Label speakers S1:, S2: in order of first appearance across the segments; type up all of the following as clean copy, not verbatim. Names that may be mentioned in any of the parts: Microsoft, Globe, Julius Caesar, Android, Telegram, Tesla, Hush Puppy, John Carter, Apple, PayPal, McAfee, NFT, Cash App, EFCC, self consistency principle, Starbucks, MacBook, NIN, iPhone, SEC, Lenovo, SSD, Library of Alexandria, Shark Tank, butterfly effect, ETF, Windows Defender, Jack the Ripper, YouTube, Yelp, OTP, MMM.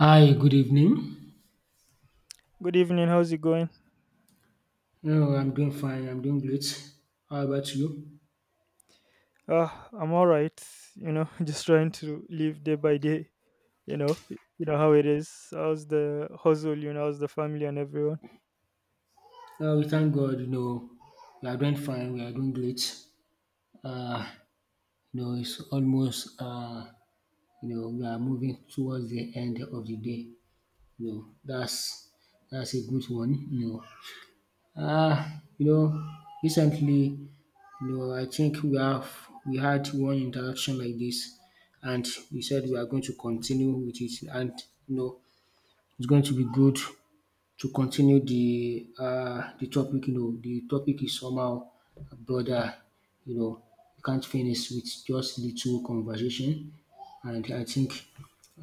S1: Hi, good evening.
S2: Good evening. How's it going?
S1: No, I'm doing fine. I'm doing great. How about you?
S2: Uh, I'm all right. You know, just trying to live day by day. You know how it is. How's the hustle? How's the family and everyone?
S1: We thank God. We are doing fine. We are doing great. Uh, it's almost. We are moving towards the end of the day. You know, that's that's a good one. Know, uh, you know, Recently, I think we had one interaction like this, and we said we are going to continue with it, and you know, it's going to be good to continue the topic. The topic is somehow broader. you know you can't finish with just little conversation, and I think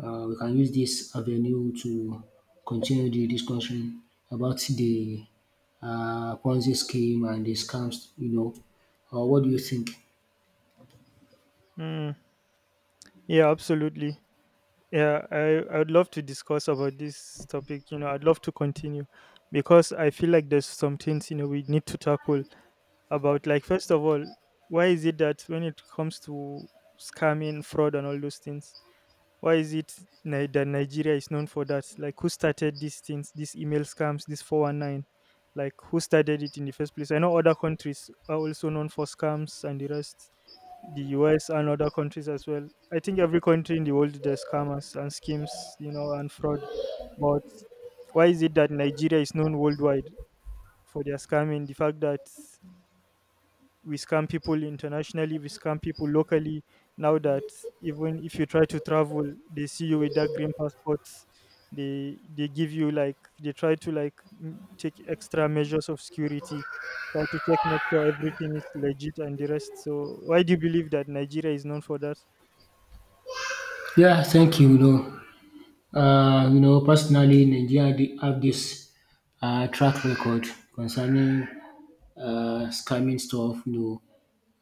S1: we can use this avenue to continue the discussion about the Ponzi scheme and the scams. Or what do you think?
S2: Mm, yeah, absolutely. Yeah, I would love to discuss about this topic. I'd love to continue because I feel like there's some things we need to tackle about. Like, first of all, why is it that when it comes to scamming, fraud, and all those things, why is it that Nigeria is known for that? Like, who started these things, these email scams, this 419? Like, who started it in the first place? I know other countries are also known for scams and the rest, the US and other countries as well. I think every country in the world, there's scammers and schemes, and fraud. But why is it that Nigeria is known worldwide for their scamming? The fact that we scam people internationally, we scam people locally, now that even if you try to travel, they see you with that green passport, they give you like, they try to like take extra measures of security, try to check, make sure everything is legit and the rest. So why do you believe that Nigeria is known for that?
S1: Yeah, thank you. Personally, Nigeria did have this track record concerning scamming stuff. Know,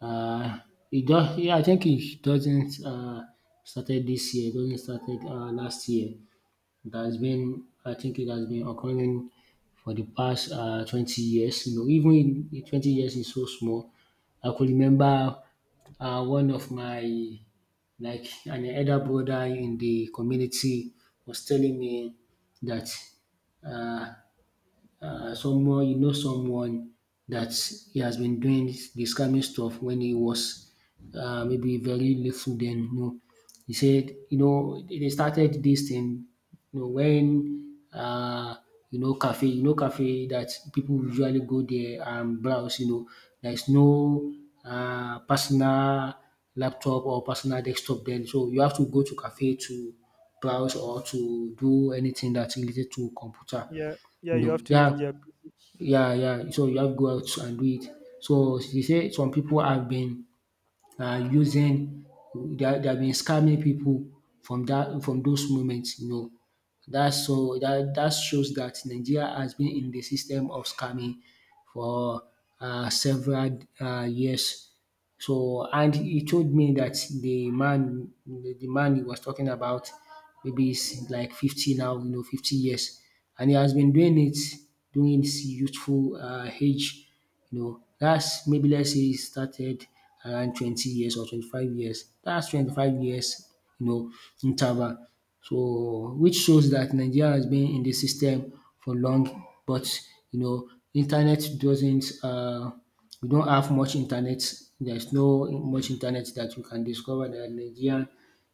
S1: uh, it does. Yeah, I think it doesn't started this year. It doesn't started last year. It has been. I think it has been occurring for the past 20 years. Even in 20 years is so small. I could remember one of my like an elder brother in the community was telling me that uh, someone. Someone that he has been doing this kind of stuff when he was maybe very little then. He said they started this thing when cafe. Cafe that people usually go there and browse. There's no personal laptop or personal desktop then, so you have to go to cafe to browse or to do anything that's related to computer.
S2: Yeah, yeah, you have to use
S1: Yeah,
S2: their.
S1: yeah. So you have to go out and do it. So she say some people have been using, they have been scamming people from that, from those moments. That's so that shows that Nigeria has been in the system of scamming for several years. So, and he told me that the man he was talking about, maybe he's like 50 now, you know, 50 years. And he has been doing it during his youthful age. That's, maybe let's say he started around 20 years or 25 years. That's 25 years, you know, interval. So which shows that Nigeria has been in the system for long, but internet doesn't we don't have much internet. There's no much internet that you can discover that Nigerian,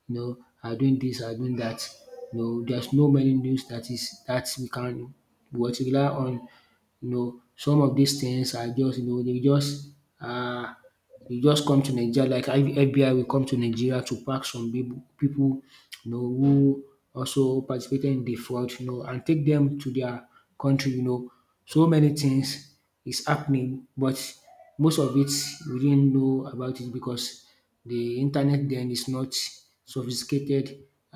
S1: you know, are doing this, are doing that. There's no many news that is that we can what rely on. Some of these things are just they just are. You just come to Nigeria like FBI will come to Nigeria to pack some people who also participated in the fraud, and take them to their country. So many things is happening, but most of it we didn't know about it because the internet then is not sophisticated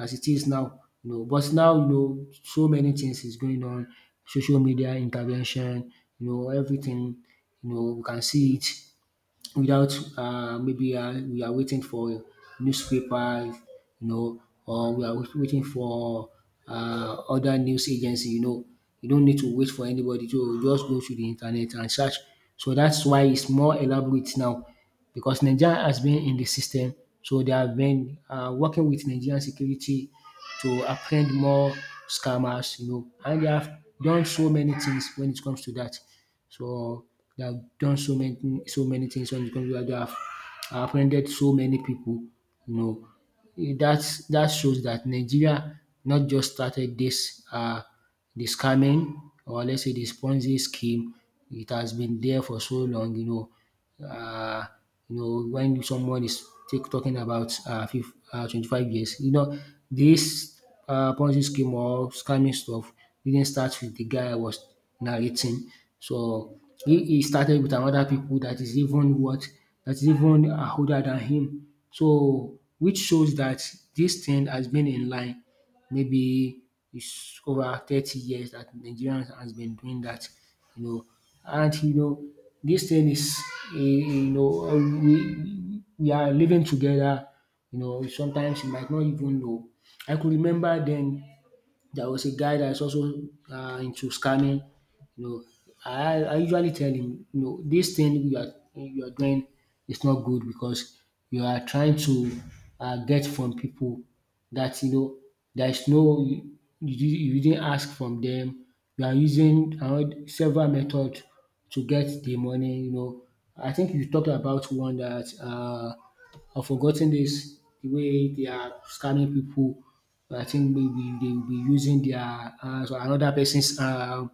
S1: as it is now. But now so many things is going on, social media intervention, everything, we can see it without maybe we are waiting for newspaper, or waiting for other news agency. You know. You don't need to wait for anybody to just go to the internet and search. So that's why it's more elaborate now because Nigeria has been in the system. So they have been working with Nigerian security to apprehend more scammers, and they have done so many things when it comes to that. So they have done so many things when it comes to that. They have apprehended so many people. You know, that's, that shows that Nigeria not just started this the scamming, or let's say the Ponzi scheme. It has been there for so long. Uh, when someone is talking about 25 years, this Ponzi scheme or scamming stuff didn't start with the guy was narrating. So he started with another people that is even what that is even are older than him. So which shows that this thing has been in line, maybe it's over 30 years that Nigerians has been doing that. you know. And this thing is we are living together, sometimes you might not even know. I could remember then there was a guy that's also into scamming. You know, I usually tell him, this thing you are doing is not good because you are trying to get from people that there is no you, you didn't ask from them. You are using several methods to get the money. I think you talked about one that I've forgotten this the way they are scamming people. I think maybe they will be using their so another person's uh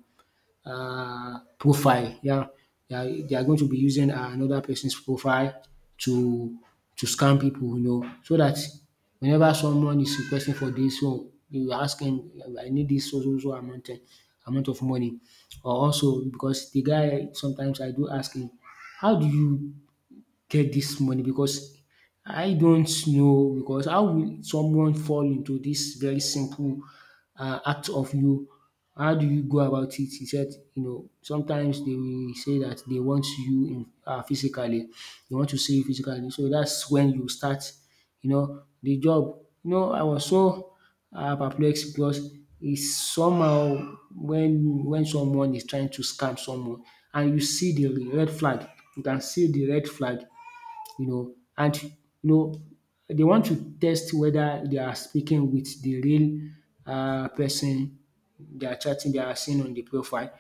S1: uh profile. Yeah, they are going to be using another person's profile to to scam people. So that whenever someone is requesting for this, one you ask him, I need this so so so amount, amount of money. Or also because the guy, sometimes I do ask him, how do you get this money? Because I don't know, because how will someone fall into this very simple act of you, how do you go about it? He said, sometimes they will say that they want you in physically, they want to see you physically, so that's when you start the job. I was so perplexed because it's somehow when someone is trying to scam someone and you see the red flag, you can see the red flag. And know they want to test whether they are speaking with the real person they are chatting, they are seeing on the profile.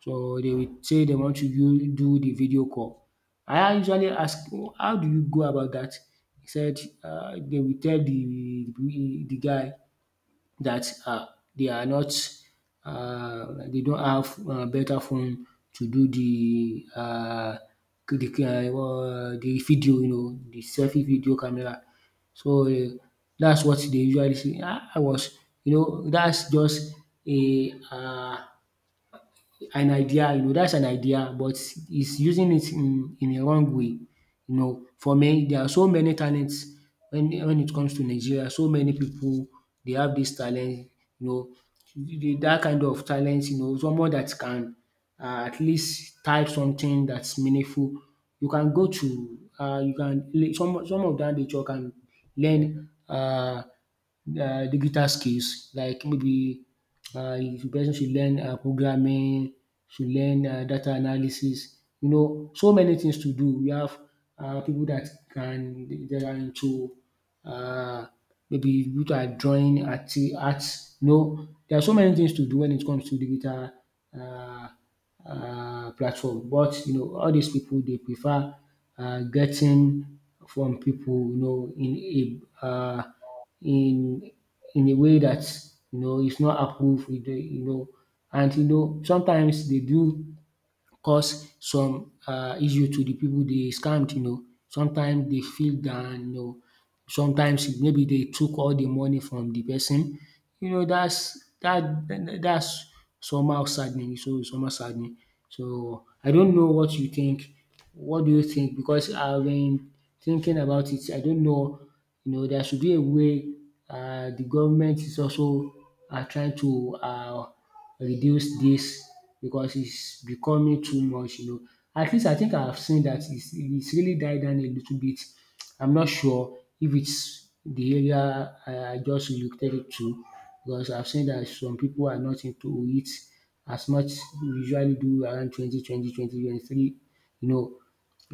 S1: So they will say they want to use do the video call. I usually ask, "Oh, how do you go about that?" He said they will tell the guy that they are not they don't have better phone to do the the video, the selfie video camera. So that's what they usually see. I was, that's just a an idea, that's an idea, but he's using it in a wrong way. For me, there are so many talents when it comes to Nigeria. So many people they have this talent. You know, that kind of talent. Someone that can at least type something that's meaningful. You can go to you can some of that nature can learn. Digital skills like maybe the person should learn programming, should learn data analysis, so many things to do. We have people that can, that are into uh, maybe people that are drawing art, arts, there are so many things to do when it comes to digital uh, platform. But all these people they prefer getting from people in a in in a way that it's not approved. And sometimes they do cause some issue to the people they scammed. Sometimes they feel down, sometimes maybe they took all the money from the person. That's that that's somehow saddening, so somehow saddening. So I don't know what you think, what do you think? Because I've been thinking about it. I don't know, there should be a way. The government is also trying to reduce this because it's becoming too much. At least I think I have seen that it's really died down a little bit. I'm not sure if it's the area I just relocated to, because I've seen that some people are not into it as much we usually do around 20, 20, 20, 23. you know.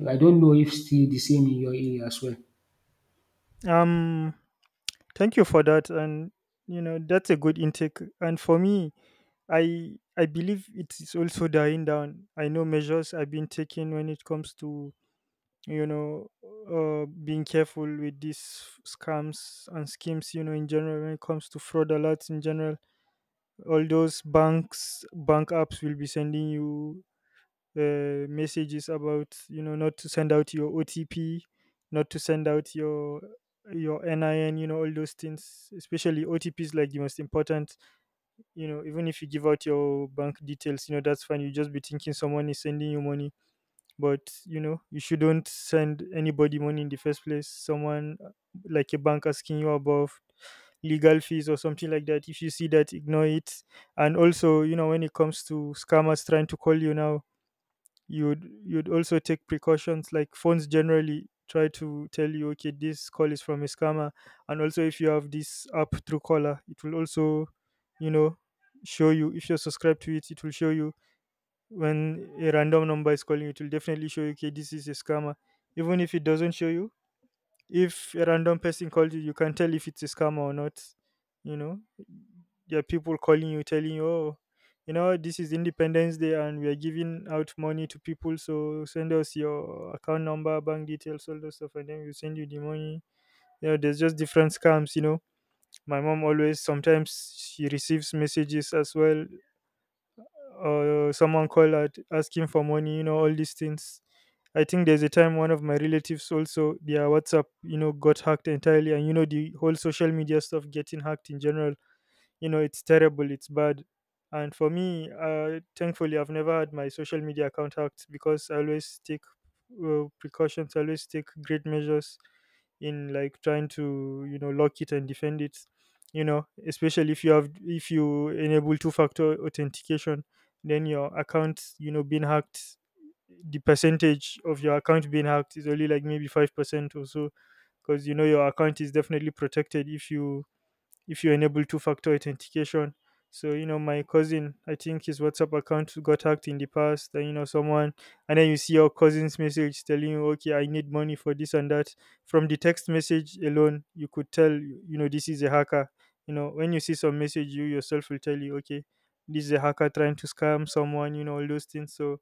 S1: I don't know if still the same in your area as well.
S2: Um thank you for that. And that's a good intake, and for me, I believe it is also dying down. I know measures have been taken when it comes to, being careful with these scams and schemes. You know, in general, when it comes to fraud alerts in general, all those bank apps will be sending you messages about, not to send out your OTP, not to send out your NIN. You know all those things, especially OTPs, like the most important. Even if you give out your bank details, that's fine. You just be thinking someone is sending you money. But you shouldn't send anybody money in the first place. Someone, like a bank, asking you about legal fees or something like that, if you see that, ignore it. And also, you know, when it comes to scammers trying to call you now, you'd also take precautions, like phones generally try to tell you, okay, this call is from a scammer. And also, if you have this app through caller, it will also, you know show you. If you're subscribed to it, it will show you when a random number is calling. It will definitely show you, okay, this is a scammer. Even if it doesn't show you, if a random person calls you, you can tell if it's a scam or not. You know, there are people calling you, telling you, oh, this is Independence Day and we are giving out money to people. So send us your account number, bank details, all those stuff, and then we send you the money. You know, there's just different scams, you know. My mom always, sometimes she receives messages as well, or someone call at asking for money, you know, all these things. I think there's a time one of my relatives also, their WhatsApp, you know, got hacked entirely. And you know, the whole social media stuff getting hacked in general, you know, it's terrible, it's bad. And for me, thankfully I've never had my social media account hacked because I always take precautions. I always take great measures in, like, trying to, you know, lock it and defend it. You know, especially if you have, if you enable two factor authentication, then your account, you know, being hacked, the percentage of your account being hacked is only like maybe 5% or so, because, you know, your account is definitely protected if you, if you enable two-factor authentication. So you know, my cousin, I think his WhatsApp account got hacked in the past, and, you know, someone, and then you see your cousin's message telling you, "Okay, I need money for this and that." From the text message alone, you could tell, you know, this is a hacker. You know, when you see some message, you yourself will tell you, "Okay, this is a hacker trying to scam someone." You know, all those things. So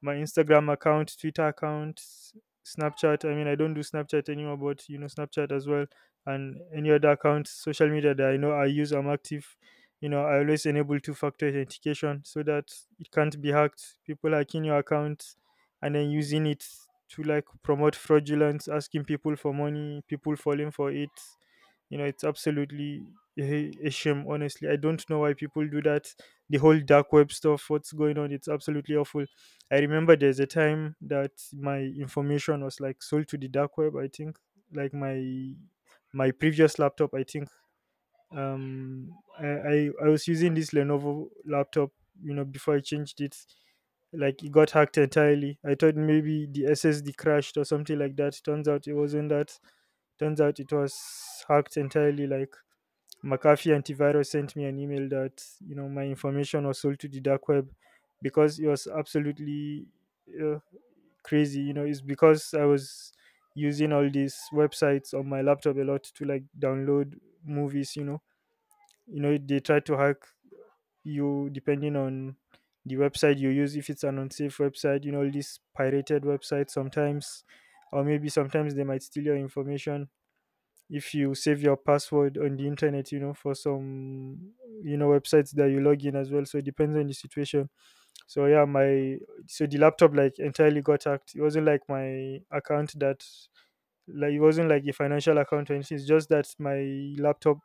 S2: my Instagram account, Twitter account, Snapchat. I mean, I don't do Snapchat anymore, but you know, Snapchat as well, and any other accounts, social media that I know I use, I'm active. You know, I always enable two-factor authentication so that it can't be hacked. People hacking your account and then using it to, like, promote fraudulence, asking people for money, people falling for it. You know, it's absolutely a shame. Honestly, I don't know why people do that. The whole dark web stuff, what's going on, it's absolutely awful. I remember there's a time that my information was, like, sold to the dark web. I think, like, my previous laptop. I think um, I was using this Lenovo laptop. You know, before I changed it, like, it got hacked entirely. I thought maybe the SSD crashed or something like that. Turns out it wasn't that. Turns out it was hacked entirely. Like, McAfee antivirus sent me an email that, you know, my information was sold to the dark web, because it was absolutely uh, crazy. You know, it's because I was using all these websites on my laptop a lot to, like, download movies. You know, they try to hack you depending on the website you use. If it's an unsafe website, you know, all these pirated websites sometimes, or maybe sometimes they might steal your information if you save your password on the internet, you know, for some, you know, websites that you log in as well. So it depends on the situation. So yeah, my, so the laptop, like, entirely got hacked. It wasn't like my account that, like, it wasn't like a financial account or anything. It's just that my laptop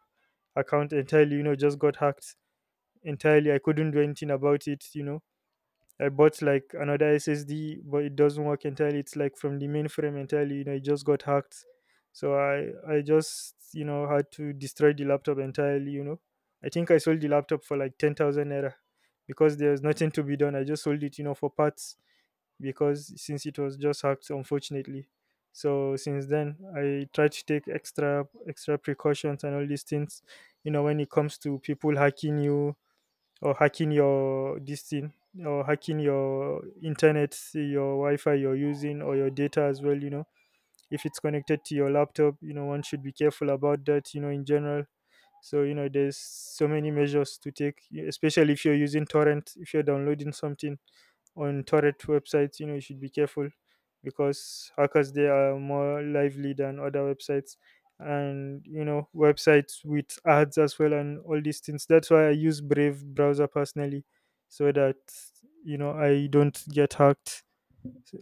S2: account entirely, you know, just got hacked entirely. I couldn't do anything about it, you know. I bought, like, another SSD, but it doesn't work entirely. It's like from the mainframe entirely. You know, it just got hacked. So I just, you know, had to destroy the laptop entirely. You know, I think I sold the laptop for, like, 10,000 naira because there's nothing to be done. I just sold it, you know, for parts, because since it was just hacked, unfortunately. So since then, I try to take extra, extra precautions and all these things. You know, when it comes to people hacking you, or hacking your this thing, or hacking your internet, your wi-fi you're using, or your data as well, you know, if it's connected to your laptop, you know, one should be careful about that, you know, in general. So you know, there's so many measures to take, especially if you're using torrent, if you're downloading something on torrent websites, you know, you should be careful, because hackers, they are more lively than other websites. And you know, websites with ads as well, and all these things. That's why I use Brave browser personally, so that, you know, I don't get hacked,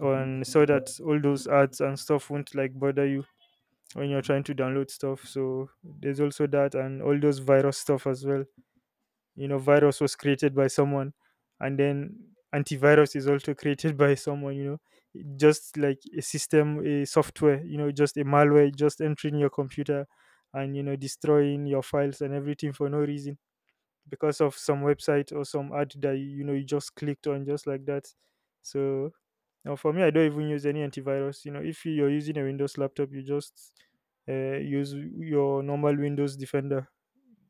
S2: and so that all those ads and stuff won't, like, bother you when you're trying to download stuff. So there's also that, and all those virus stuff as well. You know, virus was created by someone, and then antivirus is also created by someone, you know. It just like a system, a software, you know, just a malware just entering your computer and, you know, destroying your files and everything for no reason, because of some website or some ad that, you know, you just clicked on just like that. So now, for me, I don't even use any antivirus. You know, if you're using a Windows laptop, you just use your normal Windows Defender.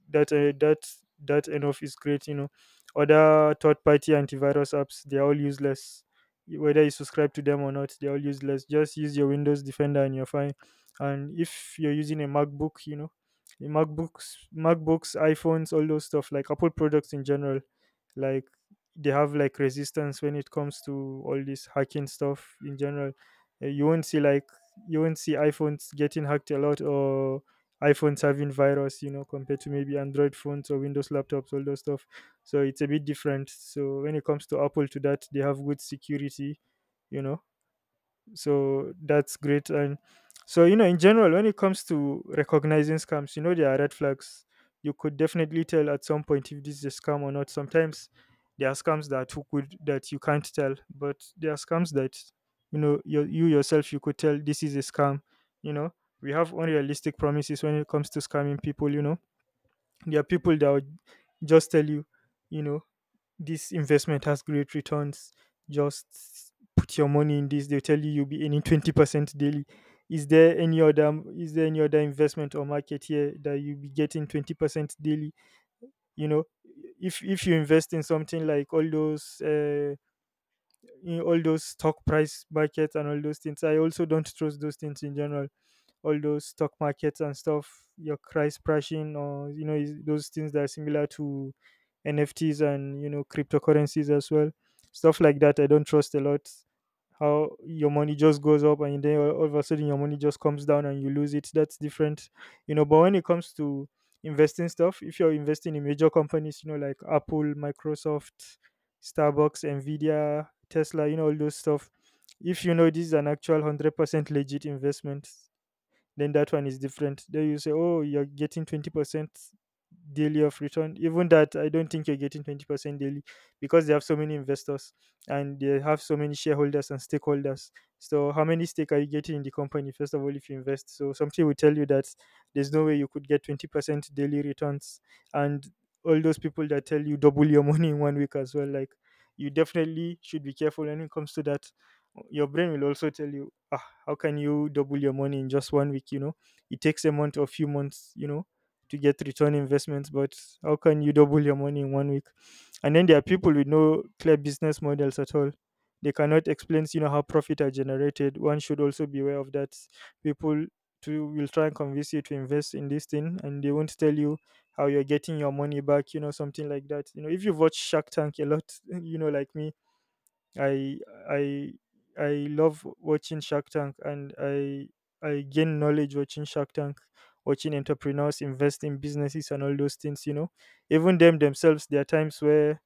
S2: That uh, that that enough is great. You know, other third-party antivirus apps, they are all useless. Whether you subscribe to them or not, they're all useless. Just use your Windows Defender and you're fine. And if you're using a MacBook, you know, the MacBooks, iPhones, all those stuff like Apple products in general, like, they have like resistance when it comes to all this hacking stuff in general. You won't see, like, you won't see iPhones getting hacked a lot, or iPhones having virus, you know, compared to maybe Android phones or Windows laptops, all those stuff. So it's a bit different. So when it comes to Apple, to that they have good security, you know so that's great. And so you know, in general, when it comes to recognizing scams, you know there are red flags. You could definitely tell at some point if this is a scam or not. Sometimes there are scams that are too good that you can't tell, but there are scams that, you know, you yourself, you could tell this is a scam, you know. We have unrealistic promises when it comes to scamming people, you know. There are people that will just tell you, you know this investment has great returns. Just put your money in this. They'll tell you you'll be earning 20% daily. Is there any other, is there any other investment or market here that you'll be getting 20% daily? You know, if you invest in something like all those in all those stock price markets and all those things, I also don't trust those things in general, all those stock markets and stuff, your price crashing, or you know those things that are similar to NFTs and, you know, cryptocurrencies as well, stuff like that. I don't trust a lot. How your money just goes up and then all of a sudden your money just comes down and you lose it. That's different, you know. But when it comes to investing stuff, if you're investing in major companies, you know, like Apple, Microsoft, Starbucks, Nvidia, Tesla, you know, all those stuff, if you know this is an actual 100% legit investment, then that one is different. Then you say, oh, you're getting 20% daily of return. Even that, I don't think you're getting 20% daily, because they have so many investors and they have so many shareholders and stakeholders. So, how many stake are you getting in the company, first of all, if you invest? So, something will tell you that there's no way you could get 20% daily returns. And all those people that tell you double your money in 1 week as well, like, you definitely should be careful when it comes to that. Your brain will also tell you, how can you double your money in just 1 week? You know, it takes a month or a few months, you know, to get return investments. But how can you double your money in 1 week? And then there are people with no clear business models at all. They cannot explain, you know, how profit are generated. One should also be aware of that. People to will try and convince you to invest in this thing, and they won't tell you how you're getting your money back, you know, something like that. You know, if you've watched Shark Tank a lot you know, like me, I I I love watching Shark Tank, and I gain knowledge watching Shark Tank, watching entrepreneurs invest in businesses and all those things, you know. Even them themselves, there are times where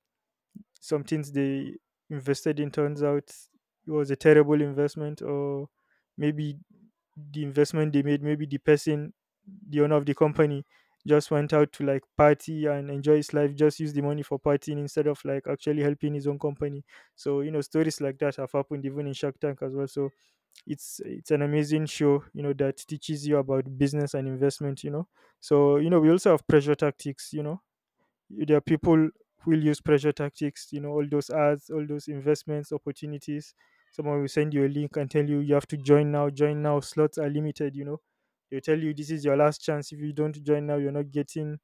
S2: some things they invested in turns out it was a terrible investment. Or maybe the investment they made, maybe the person, the owner of the company, just went out to like party and enjoy his life, just use the money for partying instead of like actually helping his own company. So you know, stories like that have happened even in Shark Tank as well. So it's an amazing show, you know, that teaches you about business and investment, you know. So you know, we also have pressure tactics, you know. There are people who will use pressure tactics, you know, all those ads, all those investments, opportunities. Someone will send you a link and tell you, you have to join now, slots are limited, you know. They'll tell you this is your last chance. If you don't join now, you're not getting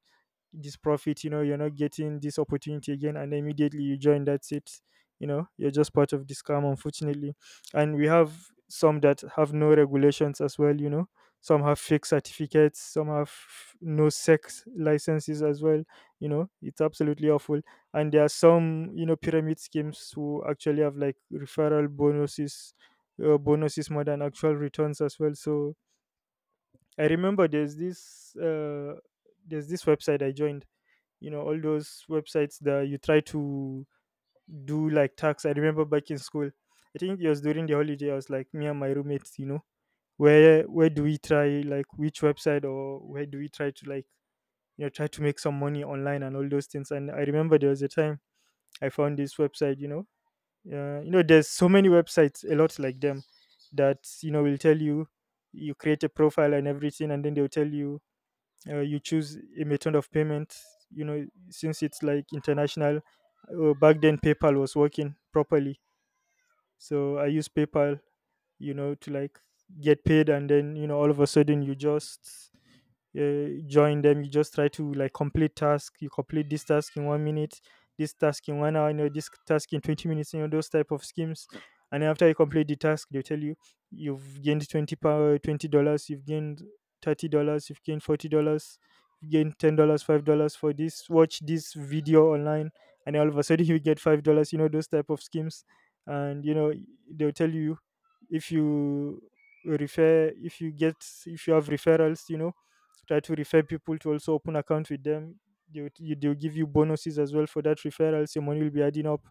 S2: this profit, you know, you're not getting this opportunity again. And immediately you join, that's it, you know. You're just part of this scam, unfortunately. And we have some that have no regulations as well, you know. Some have fake certificates, some have no sex licenses as well, you know. It's absolutely awful. And there are some, you know, pyramid schemes who actually have like referral bonuses, bonuses more than actual returns as well. So I remember there's this website I joined, you know, all those websites that you try to do like tax. I remember back in school, I think it was during the holiday, I was like, me and my roommates, you know, where do we try, like which website, or where do we try to like, you know, try to make some money online and all those things. And I remember there was a time I found this website, you know, you know, there's so many websites a lot like them that, you know, will tell you, you create a profile and everything, and then they'll tell you, you choose a method of payment, you know, since it's like international. Back then PayPal was working properly, so I use PayPal, you know, to like get paid. And then, you know, all of a sudden you just join them. You just try to like complete task. You complete this task in 1 minute, this task in 1 hour, you know, this task in 20 minutes, you know, those type of schemes. And then after you complete the task, they tell you you've gained 20 power $20, you've gained $30, you've gained $40, you've gained $10, $5 for this, watch this video online. And then all of a sudden you get $5, you know, those type of schemes. And you know, they'll tell you, if you refer, if you get, if you have referrals, you know, try to refer people to also open account with them, they will, they will give you bonuses as well for that referrals. Your money will be adding up.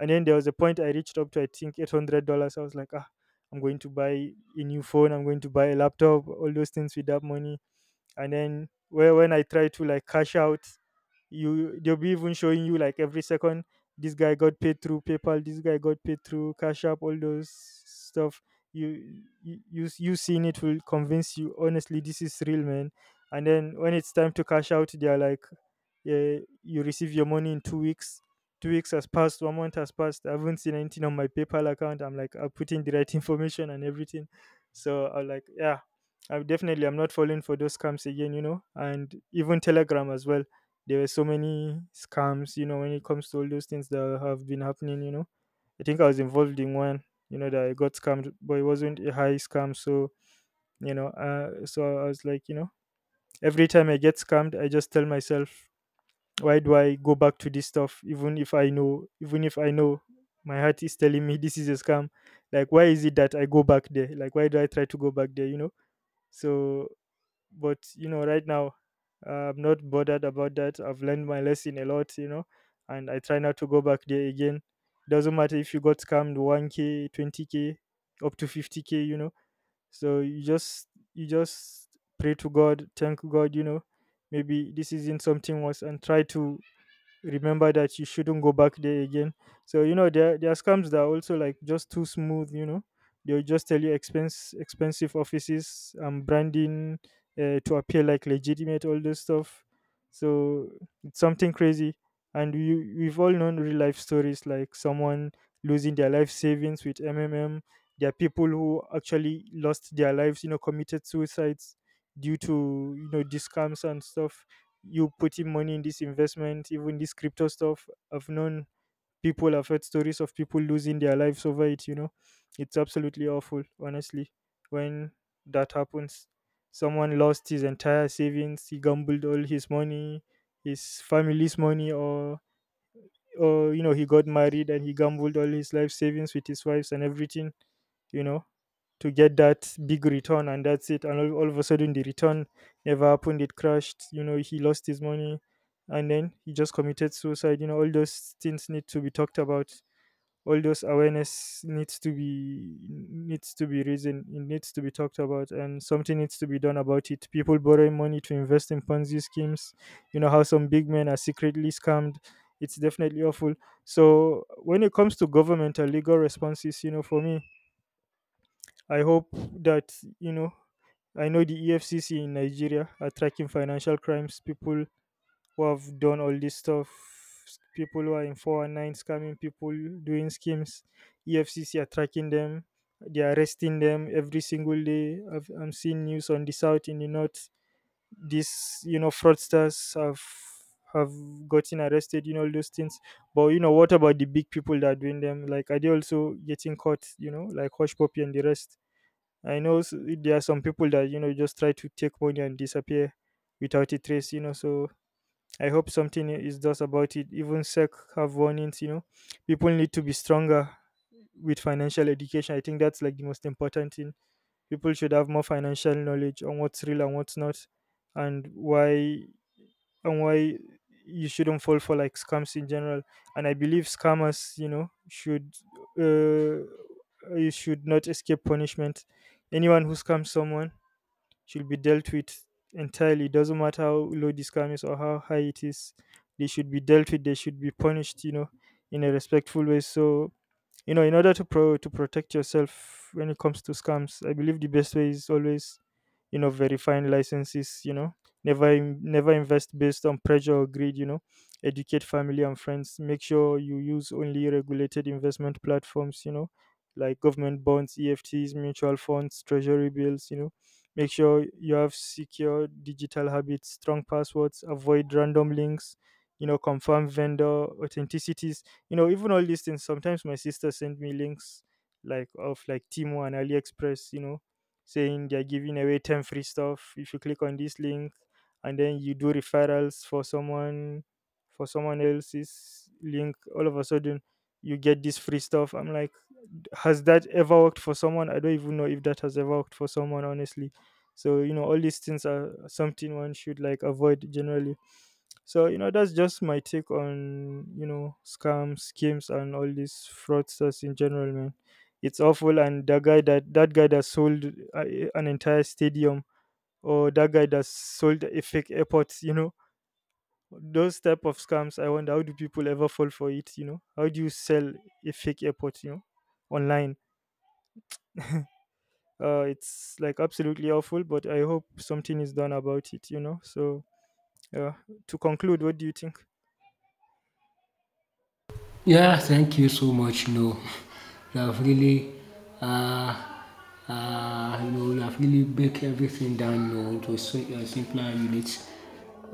S2: And then there was a point I reached up to, I think $800. I was like, ah, I'm going to buy a new phone, I'm going to buy a laptop, all those things with that money. And then where when I try to like cash out, you, they'll be even showing you like every second, this guy got paid through PayPal, this guy got paid through Cash App, all those stuff. You seeing it will convince you, honestly, this is real, man. And then when it's time to cash out, they're like, yeah, you receive your money in 2 weeks. 2 weeks has passed, 1 month has passed, I haven't seen anything on my PayPal account. I'm like, I put in the right information and everything. So I'm like, yeah, I'm definitely, I'm not falling for those scams again, you know. And even Telegram as well, there were so many scams, you know, when it comes to all those things that have been happening, you know. I think I was involved in one, you know, that I got scammed, but it wasn't a high scam. So, you know, so I was like, you know, every time I get scammed, I just tell myself, why do I go back to this stuff? Even if I know, even if I know, my heart is telling me this is a scam, like, why is it that I go back there? Like, why do I try to go back there, you know? So, but you know right now, I'm not bothered about that. I've learned my lesson a lot, you know, and I try not to go back there again. Doesn't matter if you got scammed 1K, 20K, up to 50K, you know. So you just, you just pray to God, thank God, you know, maybe this isn't something worse, and try to remember that you shouldn't go back there again. So you know, there are scams that are also like just too smooth. You know, they'll just tell you expense expensive offices and branding, to appear like legitimate, all this stuff. So it's something crazy. And we've all known real life stories like someone losing their life savings with MMM. There are people who actually lost their lives, you know, committed suicides due to, you know, these scams and stuff, you putting money in this investment, even this crypto stuff. I've known people, I've heard stories of people losing their lives over it, you know. It's absolutely awful, honestly, when that happens. Someone lost his entire savings. He gambled all his money, his family's money, or he got married and he gambled all his life savings with his wives and everything, you know to get that big return, and that's it. And all of a sudden the return never happened. It crashed, you know, he lost his money, and then he just committed suicide. You know, all those things need to be talked about. All those awareness needs to be risen. It needs to be talked about, and something needs to be done about it. People borrowing money to invest in Ponzi schemes, you know, how some big men are secretly scammed. It's definitely awful. So when it comes to governmental legal responses, you know, for me, I hope that, you know, I know the EFCC in Nigeria are tracking financial crimes, people who have done all this stuff, people who are in 419 scamming people, doing schemes. EFCC are tracking them. They are arresting them every single day. I'm seeing news on the south, in the north. These, you know, fraudsters have have gotten arrested, you know, all those things. But what about the big people that are doing them? Like, are they also getting caught? You know, like Hush Puppy and the rest? I know there are some people that just try to take money and disappear without a trace. You know, so I hope something is done about it. Even SEC have warnings. You know, people need to be stronger with financial education. I think that's like the most important thing. People should have more financial knowledge on what's real and what's not, and why and why you shouldn't fall for like scams in general. And I believe scammers, you know, should uh, you should not escape punishment. Anyone who scams someone should be dealt with entirely. Doesn't matter how low this scam is or how high it is. They should be dealt with. They should be punished, you know, in a respectful way. So in order to protect yourself when it comes to scams, I believe the best way is always, verifying licenses, never never invest based on pressure or greed, educate family and friends, make sure you use only regulated investment platforms, like government bonds, EFTs, mutual funds, treasury bills, make sure you have secure digital habits, strong passwords, avoid random links, confirm vendor authenticity. Even all these things. Sometimes my sister sent me links, like of like Timo and AliExpress, saying they're giving away 10 free stuff if you click on this link, and then you do referrals for someone, for someone else's link. All of a sudden you get this free stuff. I'm like, has that ever worked for someone? I don't even know if that has ever worked for someone, honestly. So all these things are something one should like avoid generally. So that's just my take on, scams, schemes, and all these fraudsters in general, man. It's awful. And that guy that guy that sold uh, an entire stadium, or that guy that sold a fake airport, you know, those type of scams. I wonder, how do people ever fall for it? You know, how do you sell a fake airport? You know, online. It's like absolutely awful, but I hope something is done about it. Uh, to conclude, what do you think?
S1: Yeah, thank you so much. You have really, uh, you have really break everything down, to a a simpler unit.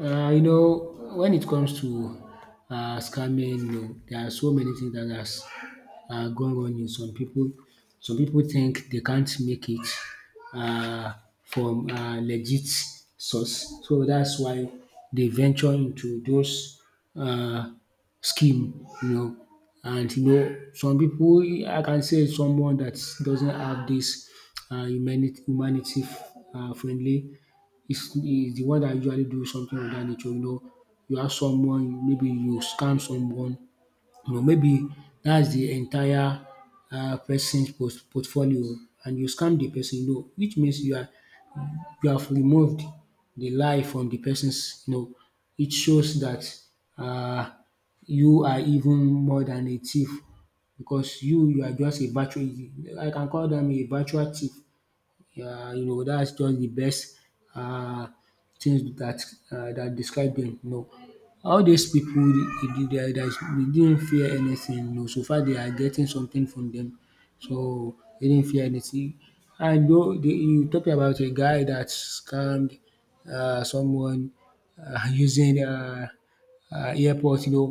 S1: You know, when it comes to scamming, there are so many things that has gone wrong in some people. Some people think they can't make it uh, from legit source, so that's why they venture into those uh, scheme, you know. And you know, some people, I can say someone that doesn't have this humanity friendly is the one that usually do something of that nature. You know, you have someone, maybe you scam someone, you know, maybe that's the entire portfolio, and you scam the person, you know, which means you have removed the lie from the person's, you know, it shows that um you are even more than a thief, because you are just a virtual, I can call dem a virtual thief. Yeah, you know, that's just the best uh, things that describe them. You know, all these people, they didn't fear anything. You know, so far they are getting something from them, so they didn't fear anything. And though they, you talking about a guy that scammed someone using airport, you know,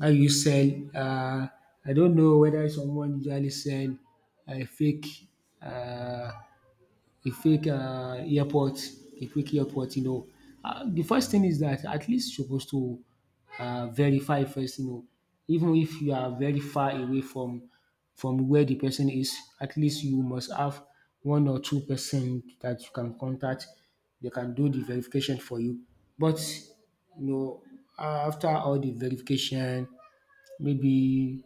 S1: how you sell uh, I don't know whether someone usually sell a fake, uh, a fake airport, a fake airport, you know. The first thing is that at least you suppose to verify first, you know, even if you are very far away from where the person is, at least you must have one or two person that you can contact, they can do the verification for you. But you know, after all the verification, maybe,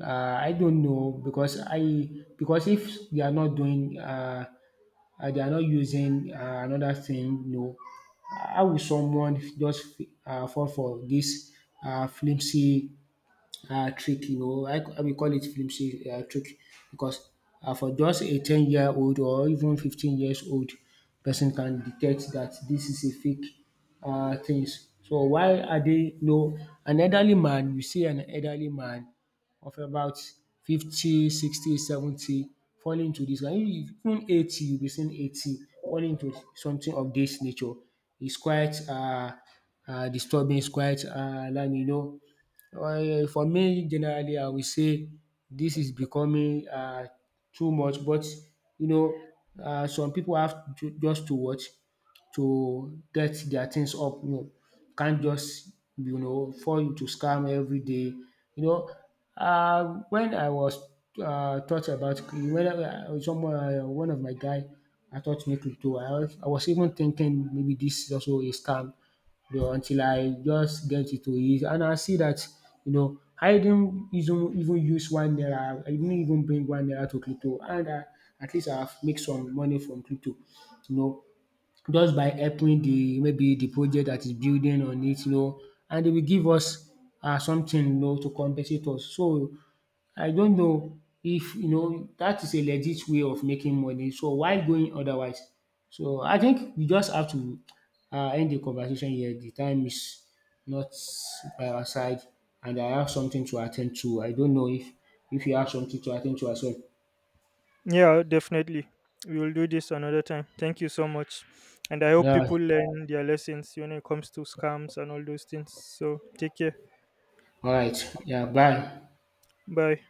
S1: um I don't know, because I, because if they are not doing and they are not using another thing. No, how will someone just fall for this flimsy trick? You know, why we call it film trick? Because, for just a 10 year old or even 15 years old person can detect that this is a fake things. So why are they, you know, an elderly man, you see an elderly man of about 50, 60, 70 falling into this, and even 80, you be seeing 80 falling into something of this nature. It's quite disturbing, is quite alarming, you know. Well, for me, generally, I will say this is becoming too much. But you know, some people have to, just to watch, to get their things up. You know, can't just, you know, fall into scam every day. You know, when I was taught about when I, someone one of my guy I taught me crypto. I was even thinking maybe this is also a scam, you know, until I just get into it. And I see that, you know, I didn't even use one naira. I didn't even bring one naira to crypto. And I, at least I've make some money from crypto, you know, just by helping the maybe the project that is building on it, you know, and they will give us something, you know, to compensate us. So I don't know, if you know that is a legit way of making money, so why going otherwise? So I think we just have to end the conversation here. The time is not by our side, and I have something to attend to. I don't know if you have something to attend to as well.
S2: Yeah, definitely. We will do this another time. Thank you so much. And I hope
S1: Yeah,
S2: people learn their lessons when it comes to scams and all those things. So take care.
S1: alright. Yeah, bye.
S2: Bye.